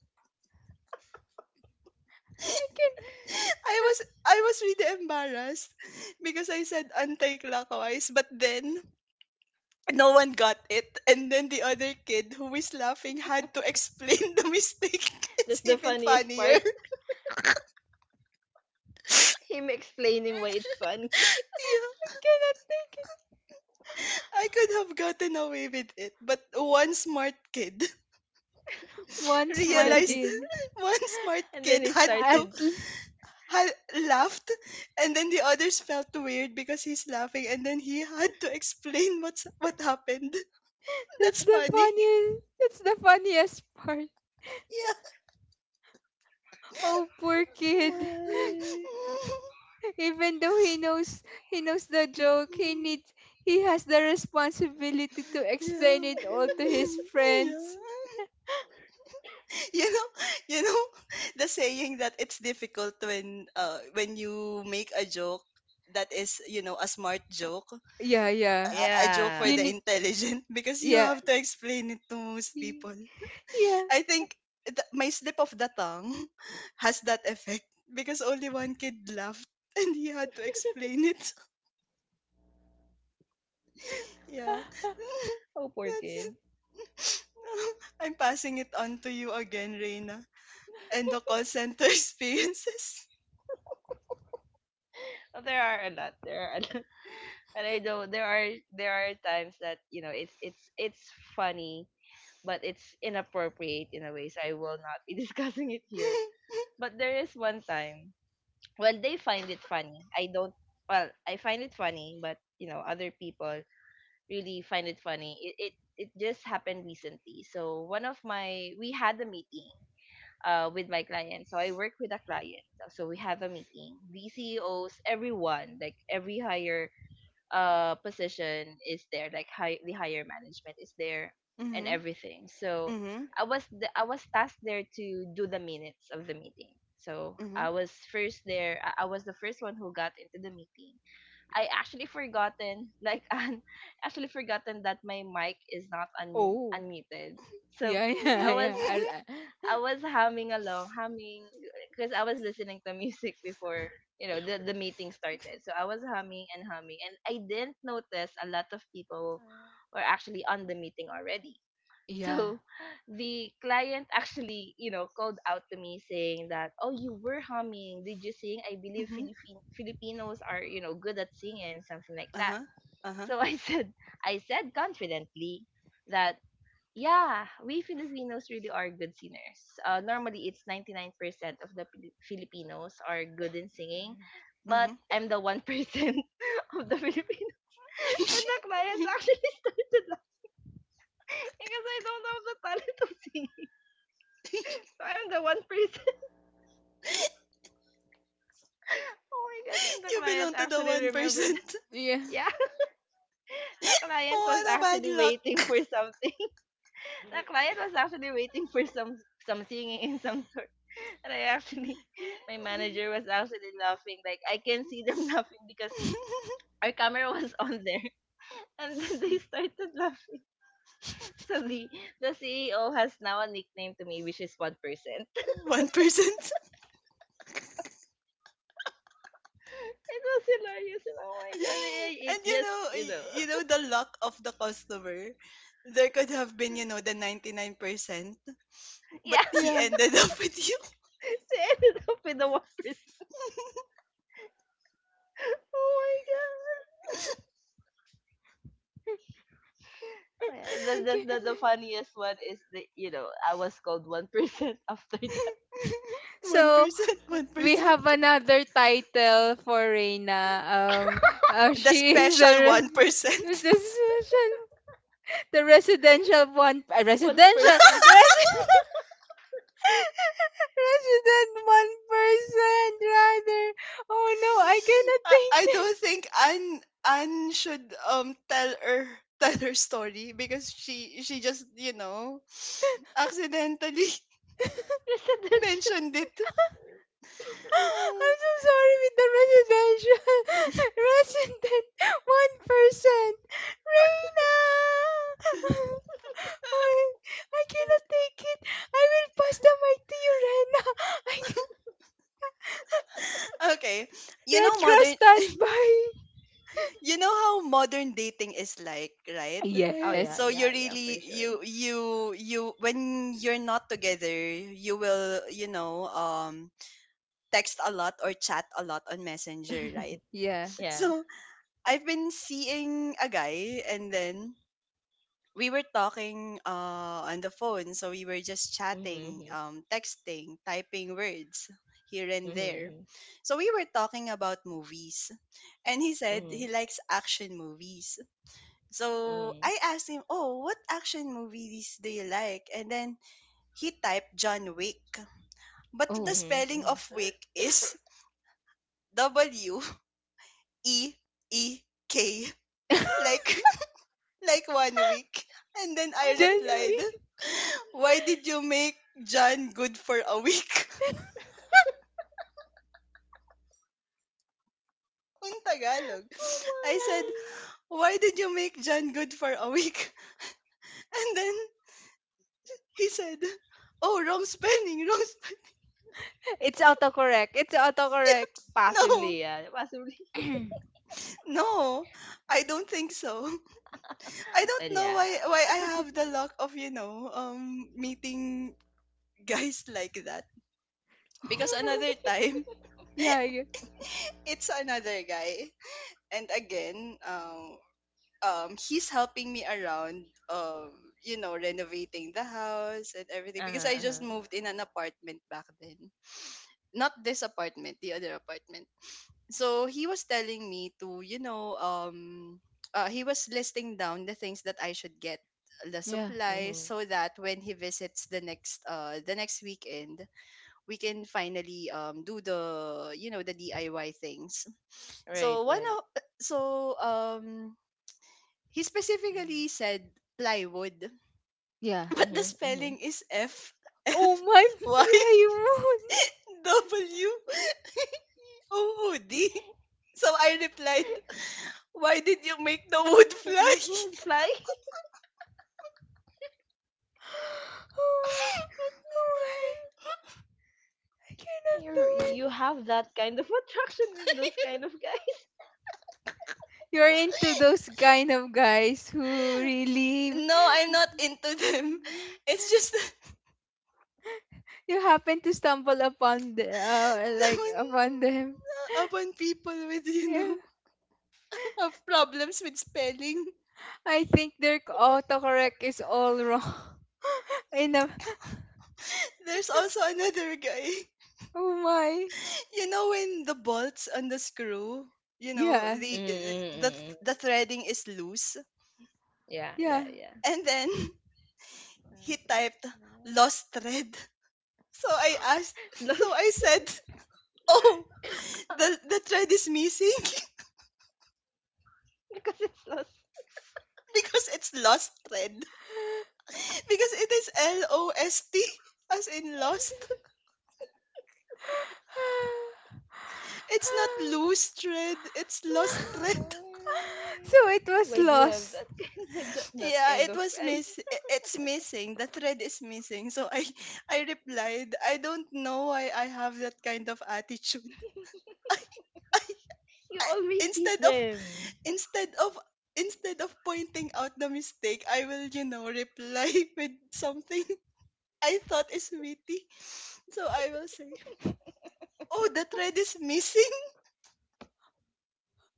can I was I was really embarrassed because I said anti-clockwise, but then no one got it. And then the other kid who is laughing had to explain the mistake. It's That's the even funniest funnier. part. Him explaining why it's fun, Yeah. cannot think. I could have gotten away with it, but one smart kid One and smart then realized just kid. one smart and then kid he At started. l- had laughed, and then the others felt weird because he's laughing, and then he had to explain what happened. that's That's the funny. funniest. That's the funniest part. Yeah. Oh, poor My. kid. Even though he knows the joke, he has the responsibility to explain Yeah. it all to his friends. Yeah, you know, you know the saying that it's difficult when, you make a joke that is, a smart joke, Yeah, yeah. a joke for You Yeah. the need. intelligent, because you Yeah, have to explain it to most y- people. yeah. I think my slip of the tongue has that effect, because only one kid laughed and he had to explain it. Yeah. Oh, poor That's kid. it. I'm passing it on to you again, Reina, and the call center experiences. Oh, there are a lot. There are a lot. And I know there are times that it's funny, but it's inappropriate in a way. So I will not be discussing it here. But there is one time when they find it funny. I don't. Well, I find it funny, but other people really find it funny. It just happened recently. So one of my we had a meeting, with my client. So I work with a client. So we have a meeting. The CEOs, everyone, like every higher, position is there, like the higher management is there, and Mhm. everything. So Mhm. I was tasked there to do the minutes of the meeting. So Mhm. I was first there. I was the first one who got into the meeting. I actually forgotten, like, actually forgotten that my mic is not Oh, unmuted. So yeah, yeah, I was Mhm. yeah. I was humming along, humming, because I was listening to music before, you know, the meeting started. So I was humming and humming, and I didn't notice a lot of people were actually on the meeting already. yeah, So the client actually, called out to me saying that, "Oh, you were humming. Did you sing? I believe Mhm. Philippine Filipinos are, you know, good at singing, something like that." Uh-huh. Uh-huh. So I I said confidently that yeah, we Filipinos really are good singers. Normally, it's 99% of the Filipinos are good in singing. But Mhm. I'm the 1% of the Filipinos. And the clients actually started laughing because I don't have the talent of singing. So I'm the 1%. Oh my God. And the You client belong to the actually remembered. 1%. yeah, Yeah, the client was What a bad actually waiting luck. for something. The client was actually waiting for some singing in some sort. And my manager was actually laughing. Like I can see them laughing because our camera was on there, and then they started laughing. So the CEO has now a nickname to me, which is 1%. 1%. It was hilarious. And oh my god, it, it And you just, know, y- you know the luck of the customer. There could have been the 99%, but yeah, he yeah. ended up with you. they ended up with the 1%. Oh my god. Yeah. The, the, Okay. the, the funniest one is, the you know I was called 1% after that. So 1%, we 1%. have another title for Reina. The she is the special re- who's 1%. this? the residential one, One person. resi- resident 1% rather. Oh no, I cannot I think. don't think Anne should tell her, tell her story, because she just, accidentally Residential. mentioned it. I'm so sorry with the residential resident 1%. Reina, oh, I cannot take it. I will pass the mic to you, Rena. I can- Okay, you know Red Cross modern, standby. How modern dating is like, right? Oh yeah, So Yes. you yeah, yeah, for really sure. you when you're not together, you will text a lot or chat a lot on Messenger, right? Yeah. Yeah. So I've been seeing a guy, and then we were talking on the phone, so we were just chatting, Mm-hmm, texting, typing words here and there. mm-hmm, So we were talking about movies, and he said mm-hmm, he likes action movies. mm-hmm, So mm-hmm, I asked him, "Oh, what action movies do you like?" And then he typed John Wick, but the Oh. spelling of mm-hmm. Wick is Week, like like one week. And then I Oh my god. Janvi. replied, "Why did you make John good for a week?" On Tagalog. Oh I said, my. "Why did you make John good for a week?" And then he said, "Oh, wrong spelling, wrong spelling." It's autocorrect. It's autocorrect. No, Possibly, yeah. Possibly. no, I don't think so. I don't Well, know yeah. why I have the luck of meeting guys like that, because Oh another time yeah, yeah. I guess. it's another guy, and again he's helping me around renovating the house and everything, because I Uh-huh, just uh-huh. moved in an apartment back then, not this apartment, the other apartment. So he was telling me to you know he was listing down the things that I should get, the Yeah. supplies, hmm so that when he visits the next weekend we can finally do the you know the DIY things. Right, So one right. of so he Mhm. specifically said plywood, Yeah. but Mm-hmm, the mm-hmm. spelling is F L Oh my, Y fly moon. W ood. So I replied, "Why did you make the wood Make fly?" the food fly. Oh my, oh my, I cannot do You it. you have that kind of attraction with those kind of guys. You're into those kind of guys who really No, I'm not into them. It's just you happen to stumble upon the, like naman, upon them. upon people with, you Yeah, know, have problems with spelling. I think their autocorrect is all wrong. In a, There's also another guy. oh my, When the bolts on the screw, you know yeah, the the Mm-hmm. the threading is loose, Yeah, yeah. yeah, yeah. and then he typed "lost thread". So I Lost, said, "Oh, the thread is missing." because it's lost. Because it's "lost thread" because it is L O S T, as in lost. It's not "loose thread", it's "lost Oh thread". So it my! was Why do you have lost. that kind that Yeah, kind of guys? It's missing. The thread is missing. So I I replied. I don't know why I have that kind of attitude. You I, always tease instead of them. instead of instead of pointing out the mistake, I will reply with something I thought is witty. So I will say, "Oh, the thread is missing."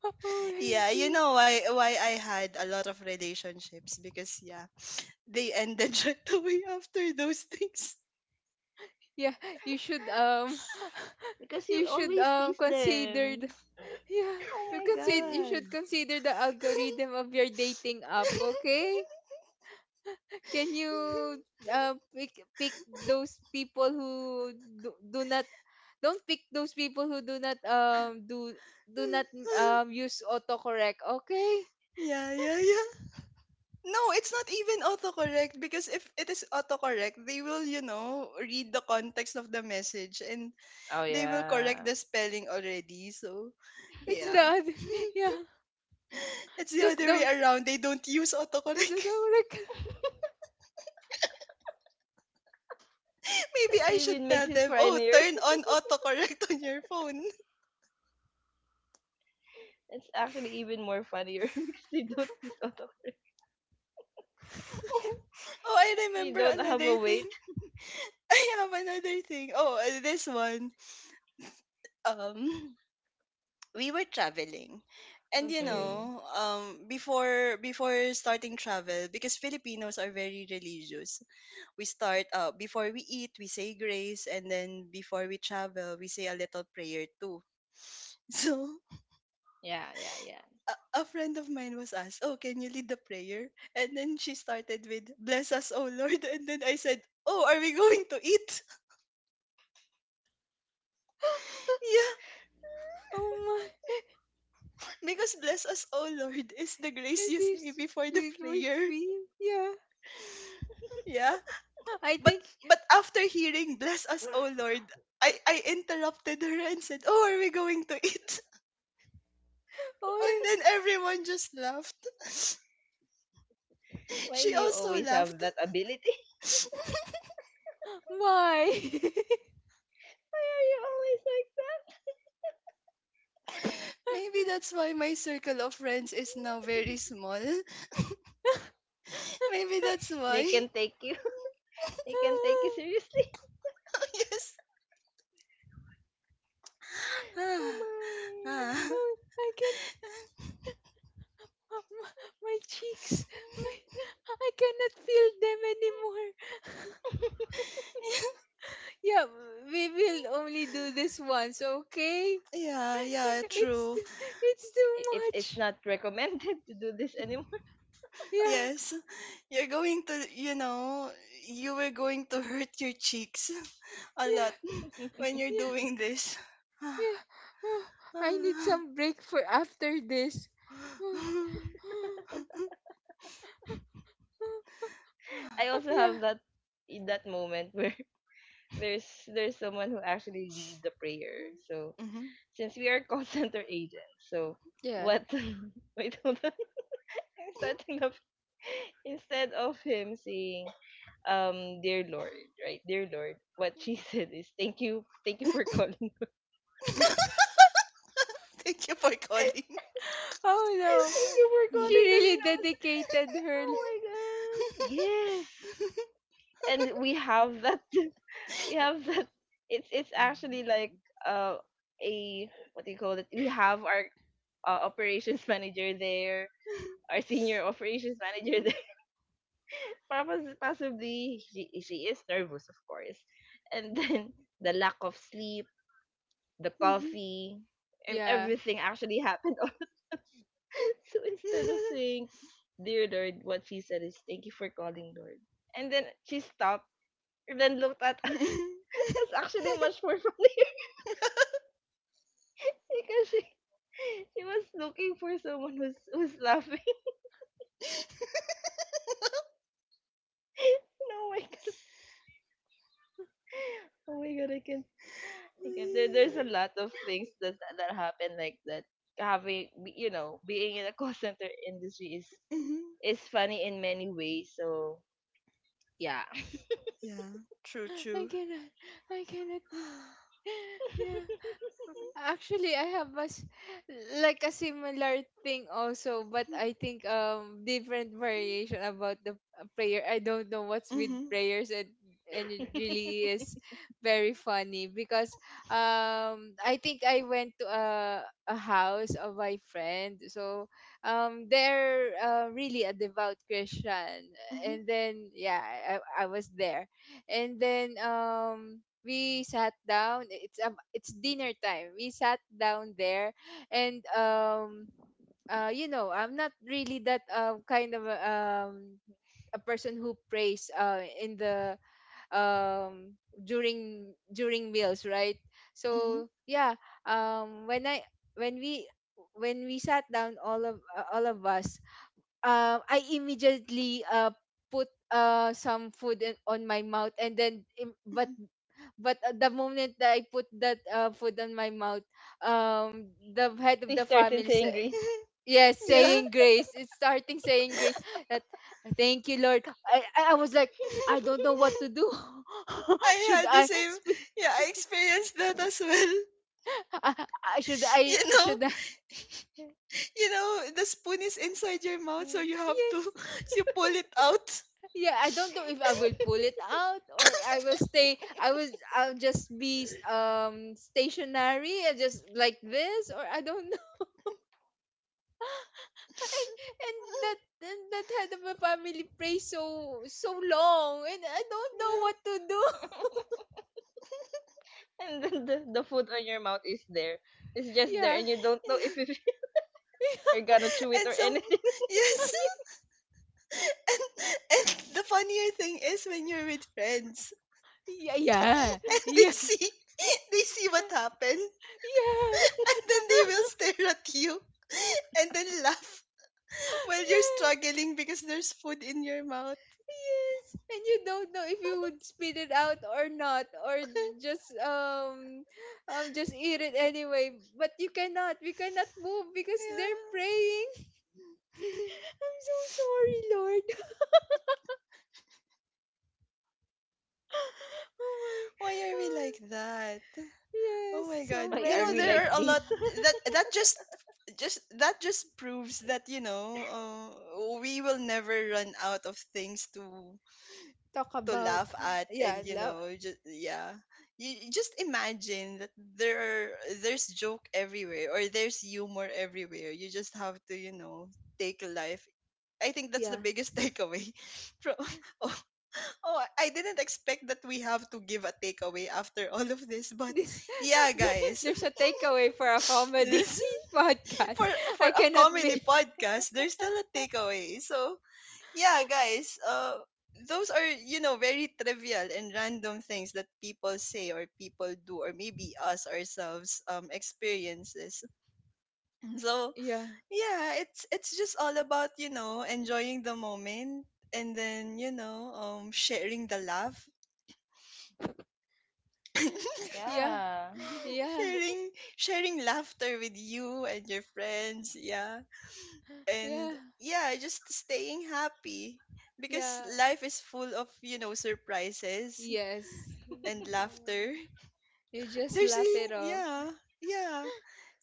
Yeah, OMG. you know why I had a lot of relationships, because yeah, they ended right away after those things. Yeah, you should Because you you should always tease consider the- them. yeah, Oh my you should god. consider the algorithm of your dating app, okay? can you pick Pick those people who do, do not don't pick those people who do not do not use autocorrect, okay? Yeah, yeah, yeah. No, it's not even autocorrect, because if it is autocorrect, they will, you know, read the context of the message, and Oh they will correct yeah. the spelling already. So, It's the yeah. other yeah, It's the just other way don't around. They don't use just autocorrect. don't autocorrect. That Maybe I should even tell makes it them, "Oh, funnier. turn on autocorrect on your phone." It's actually even more funnier because they don't miss out of Oh, I they remember don't have a another thing. weight. I have another thing. Oh, this one. Um, we were traveling, and Okay. Mhm. Before starting travel, because Filipinos are very religious, we start, before we eat we say grace, and then before we travel we say a little prayer too. So Yeah, yeah, yeah. a friend of mine was asked, "Oh, can you lead the prayer?" And then she started with, "Bless us, oh lord," and then I said, "Oh, are we going to eat?" Yeah, Oh my. because "Bless us, oh lord" is the grace It you say is before the it was prayer. me, yeah, Yeah, I but think, but after hearing "Bless us, oh lord", I interrupted her and said, "Oh, are we going to eat?" And oh, then everyone just laughed. Why She do you also always laughed. have that ability? why? Why are you always like that? Maybe that's why my circle of friends is now very small. Maybe that's They why. can take you. They can take you Oh, seriously. Yes. Oh Ah, my. ah. I can't. My, my cheeks, my, I cannot feel them anymore. Yeah, we will only do this once, okay? Yeah, yeah, It's true. t- it's too It's much. not recommended to do this anymore. Yeah, Yes, you're going to you know you were going to hurt your cheeks a yeah, lot when you're yeah, doing this. yeah. Oh, I need some break for after this. I also Yeah, have that in that moment where there's someone who actually lead the prayer. So Mhm. since we are call center agents, so yeah. what wait hold on. I'm starting up instead of him saying, dear Lord, right? Dear Lord, what she said is thank you for calling. Thank Thank you for calling. Oh no. you for She calling, Lord. really And I was like, dedicated her oh l- my god, yes. And we have that we have that. It's actually like uh a what do you call it, we have our operations manager there, our senior operations manager there. Possibly she is nervous of course, and then the lack of sleep, the coffee, and Yeah. everything actually happened. So instead of saying dear Lord, what she said is thank you for calling, Lord. And then she stopped and then looked at us. That's actually much more funny because she was looking for someone who's laughing. Oh my god! Oh my god! I can, there's a lot of things that happen like that. You know, being in a call center industry Mhm. is funny in many ways. So yeah, Yeah, true, I true. cannot I cannot like- Yeah. Actually, I have like a similar thing also, but I think different variation about the prayer. I don't know what's with Mhm, prayers and it really is very funny because I think I went to a house of my friend. So they're really a devout Christian. mhm, And then yeah, I was there. And then we sat down, it's dinner time, we sat down there, and you know, I'm not really that kind of a person who prays in the um, during meals, right? mhm, So yeah. um, when i when we when we sat down, all of us, I immediately put some food on my mouth, and then mhm. but at the moment that I put that food on my mouth, um, the head of they the started family said, saying Greece, "Yes, Yeah. saying grace." It's starting saying grace. That thank you, Lord. I was like, I don't know what to do. I Should had the I same. speak? Yeah, I experienced that as well. Should You I? know, Should I? The spoon is inside your mouth, so you have to Yes. you pull it out. Yeah, I don't know if I will pull it out or I will stay. I was. I'll just be stationary and just like this, or I don't. and and that, and that head of a family prays so so long, and I don't know Yeah, what to do. and then the food on your mouth is there. It's just there, Yeah. and you don't know yeah. If you're gonna chew it or And some, anything. yes, and and the funnier thing is when you're with friends Yeah. Yeah. and they Yeah. Yeah. see they see what happened, and then they will stare at you and then laugh while you're Yeah. struggling because there's food in your mouth. Yes. And you don't know if you would spit it out or not, or just um just eat it anyway. But you cannot. We cannot move because they're Yeah. praying. I'm so sorry, Lord. Oh my. Why are we like Oh, that? Oh yes, my so god. Why You are know, we there like many are a this? lot that that just that just proves that, we will never run out of things to talk to about laugh at, yeah, and you love, know just yeah. You just imagine that there are there's joke everywhere, or there's humor everywhere. You just have to, take life. I think that's the yeah. biggest takeaway from Oh, I didn't expect that we have to give a takeaway after all of this, but This yeah, there, guys. there's a takeaway for a comedy This- podcast. for for I a cannot be comedy podcast, there's still a takeaway. So, yeah, guys, those are, you know, very trivial and random things that people say, or people do, or maybe us ourselves experiences. So, yeah. yeah, it's just all about, you know, enjoying the moment, and then sharing the laugh. Yeah. Yeah, Yeah. sharing sharing laughter with you and your friends, yeah, and Yeah. yeah, just staying happy, because Yeah. life is full of, surprises Yes. and laughter. You just laugh it off. Yeah, yeah,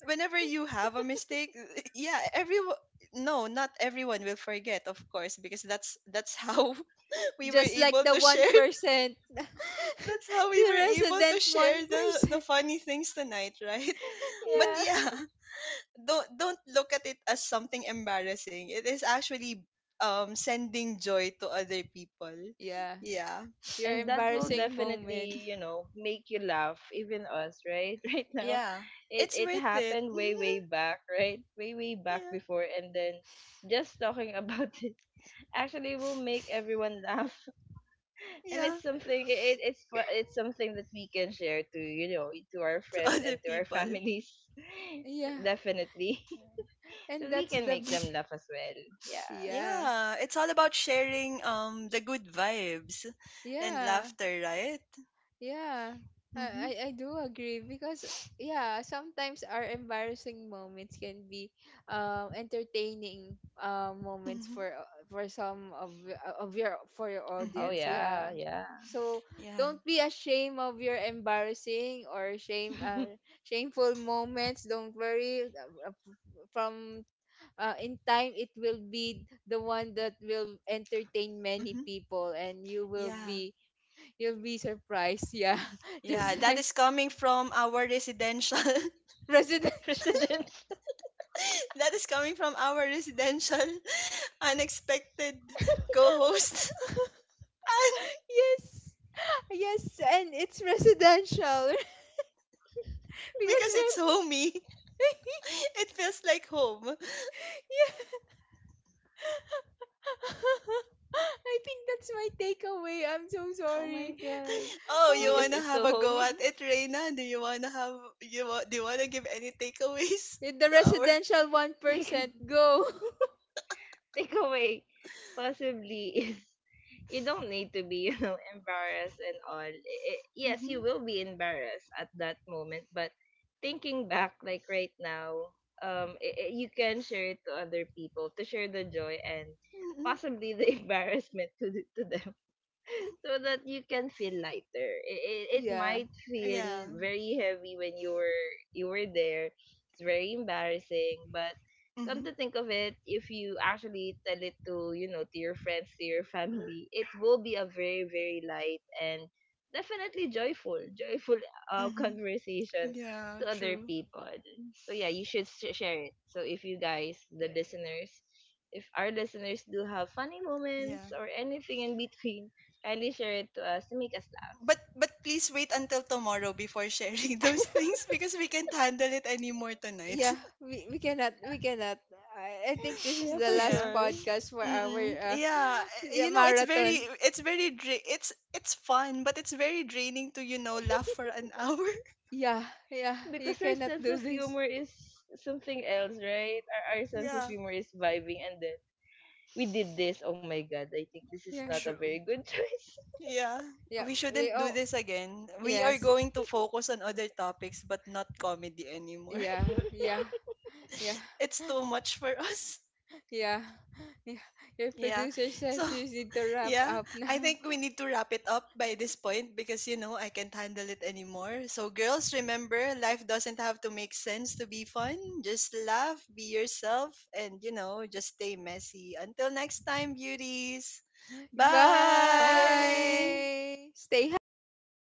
whenever you have a mistake. Yeah, everyone, no, not everyone will forget, of course, because that's how we were Just like able the to share. 1%. That's how we The were able to resident share the 1%. funny things tonight, right? But yeah. Yeah. yeah, don't look at it as something embarrassing. It is actually sending joy to other people. Yeah. Yeah. Your And that will Mhm. embarrassing moment. definitely you know make you laugh, even us, right? Right now, Yeah. it It's it worth it. happened way way back, right, way way back Yeah. before, and then just talking about it actually will make everyone laugh and Yeah. it's something, it's it's something that we can share to you know to our To friends other and to our people. families. Yeah. Definitely. And So we that's can the make be them laugh as well. Yeah, yeah, Yeah. It's all about sharing the good vibes and yeah, laughter, right? yeah. Mhm. I do agree, because yeah, sometimes our embarrassing moments can be entertaining moments Mhm. for of your for your oh Mhm. audience. yeah, Yeah. yeah. So Yeah. don't be ashamed of your embarrassing or shame shameful moments. Don't worry. From in time it will be the one that will entertain many Mhm. people, and Yeah. You'll be surprised, yeah. Just Yeah, that like is coming from our residential residential. Presidential. that is coming from our residential unexpected co-host. And Yes. Yes, and it's residential because because we're it's homey, it feels like home. yeah, I think that's my takeaway. I'm so Oh sorry. my god, Oh, you because Oh, wanna it's have so a go homey. at it, Reina? Do you wanna have you wa- do you wanna give any takeaways yeah. The to our? residential 1% go. Takeaway possibly is you don't need to be you know embarrassed and all. Yes, you Mm-hmm, will be embarrassed at that moment, but thinking back like right now, you can share it to other people to share the joy and mm-hmm. possibly the embarrassment to them. So that you can feel lighter. It Yeah. might Yeah. feel very heavy when you were there. It's very embarrassing, but come Mm-hmm, to think of it, if you actually tell it to you know to your friends, to your family, it will be a very very light and definitely joyful mm-hmm. conversation Yeah. to other True. people. So yeah, you should share it. So if you guys, the Yeah. listeners, if our listeners do have funny moments Yeah. or anything in between, kindly share it to us to make us laugh. But please wait until tomorrow before sharing those things, because we can't handle it anymore tonight. Yeah, we cannot I think this is Yeah, the for last Yeah. sure. podcast for our Mm-mm. uh, Yeah, you know, it's very, marathon. it's very, dra- it's, it's fun, but it's very draining to laugh for an hour. Yeah, yeah, you Because our cannot sense do of this. humor is something else, right? Our sense of Yeah, humor is vibing, and then we did this. Oh my god, I think this is Yeah, not a true. very good choice. Yeah, yeah, we we shouldn't do all this again. We are yes, going to focus on other topics, but not comedy anymore. yeah, yeah, yeah, It's too much for us. yeah, yeah. Your Yeah. producer So says you need to wrap yeah, up I now. think we need to wrap it up by this point, because I can't handle it anymore. So, girls, remember, life doesn't have to make sense to be fun. Just laugh, be yourself, and just stay messy. Until next time, beauties. Bye. Bye. Stay happy.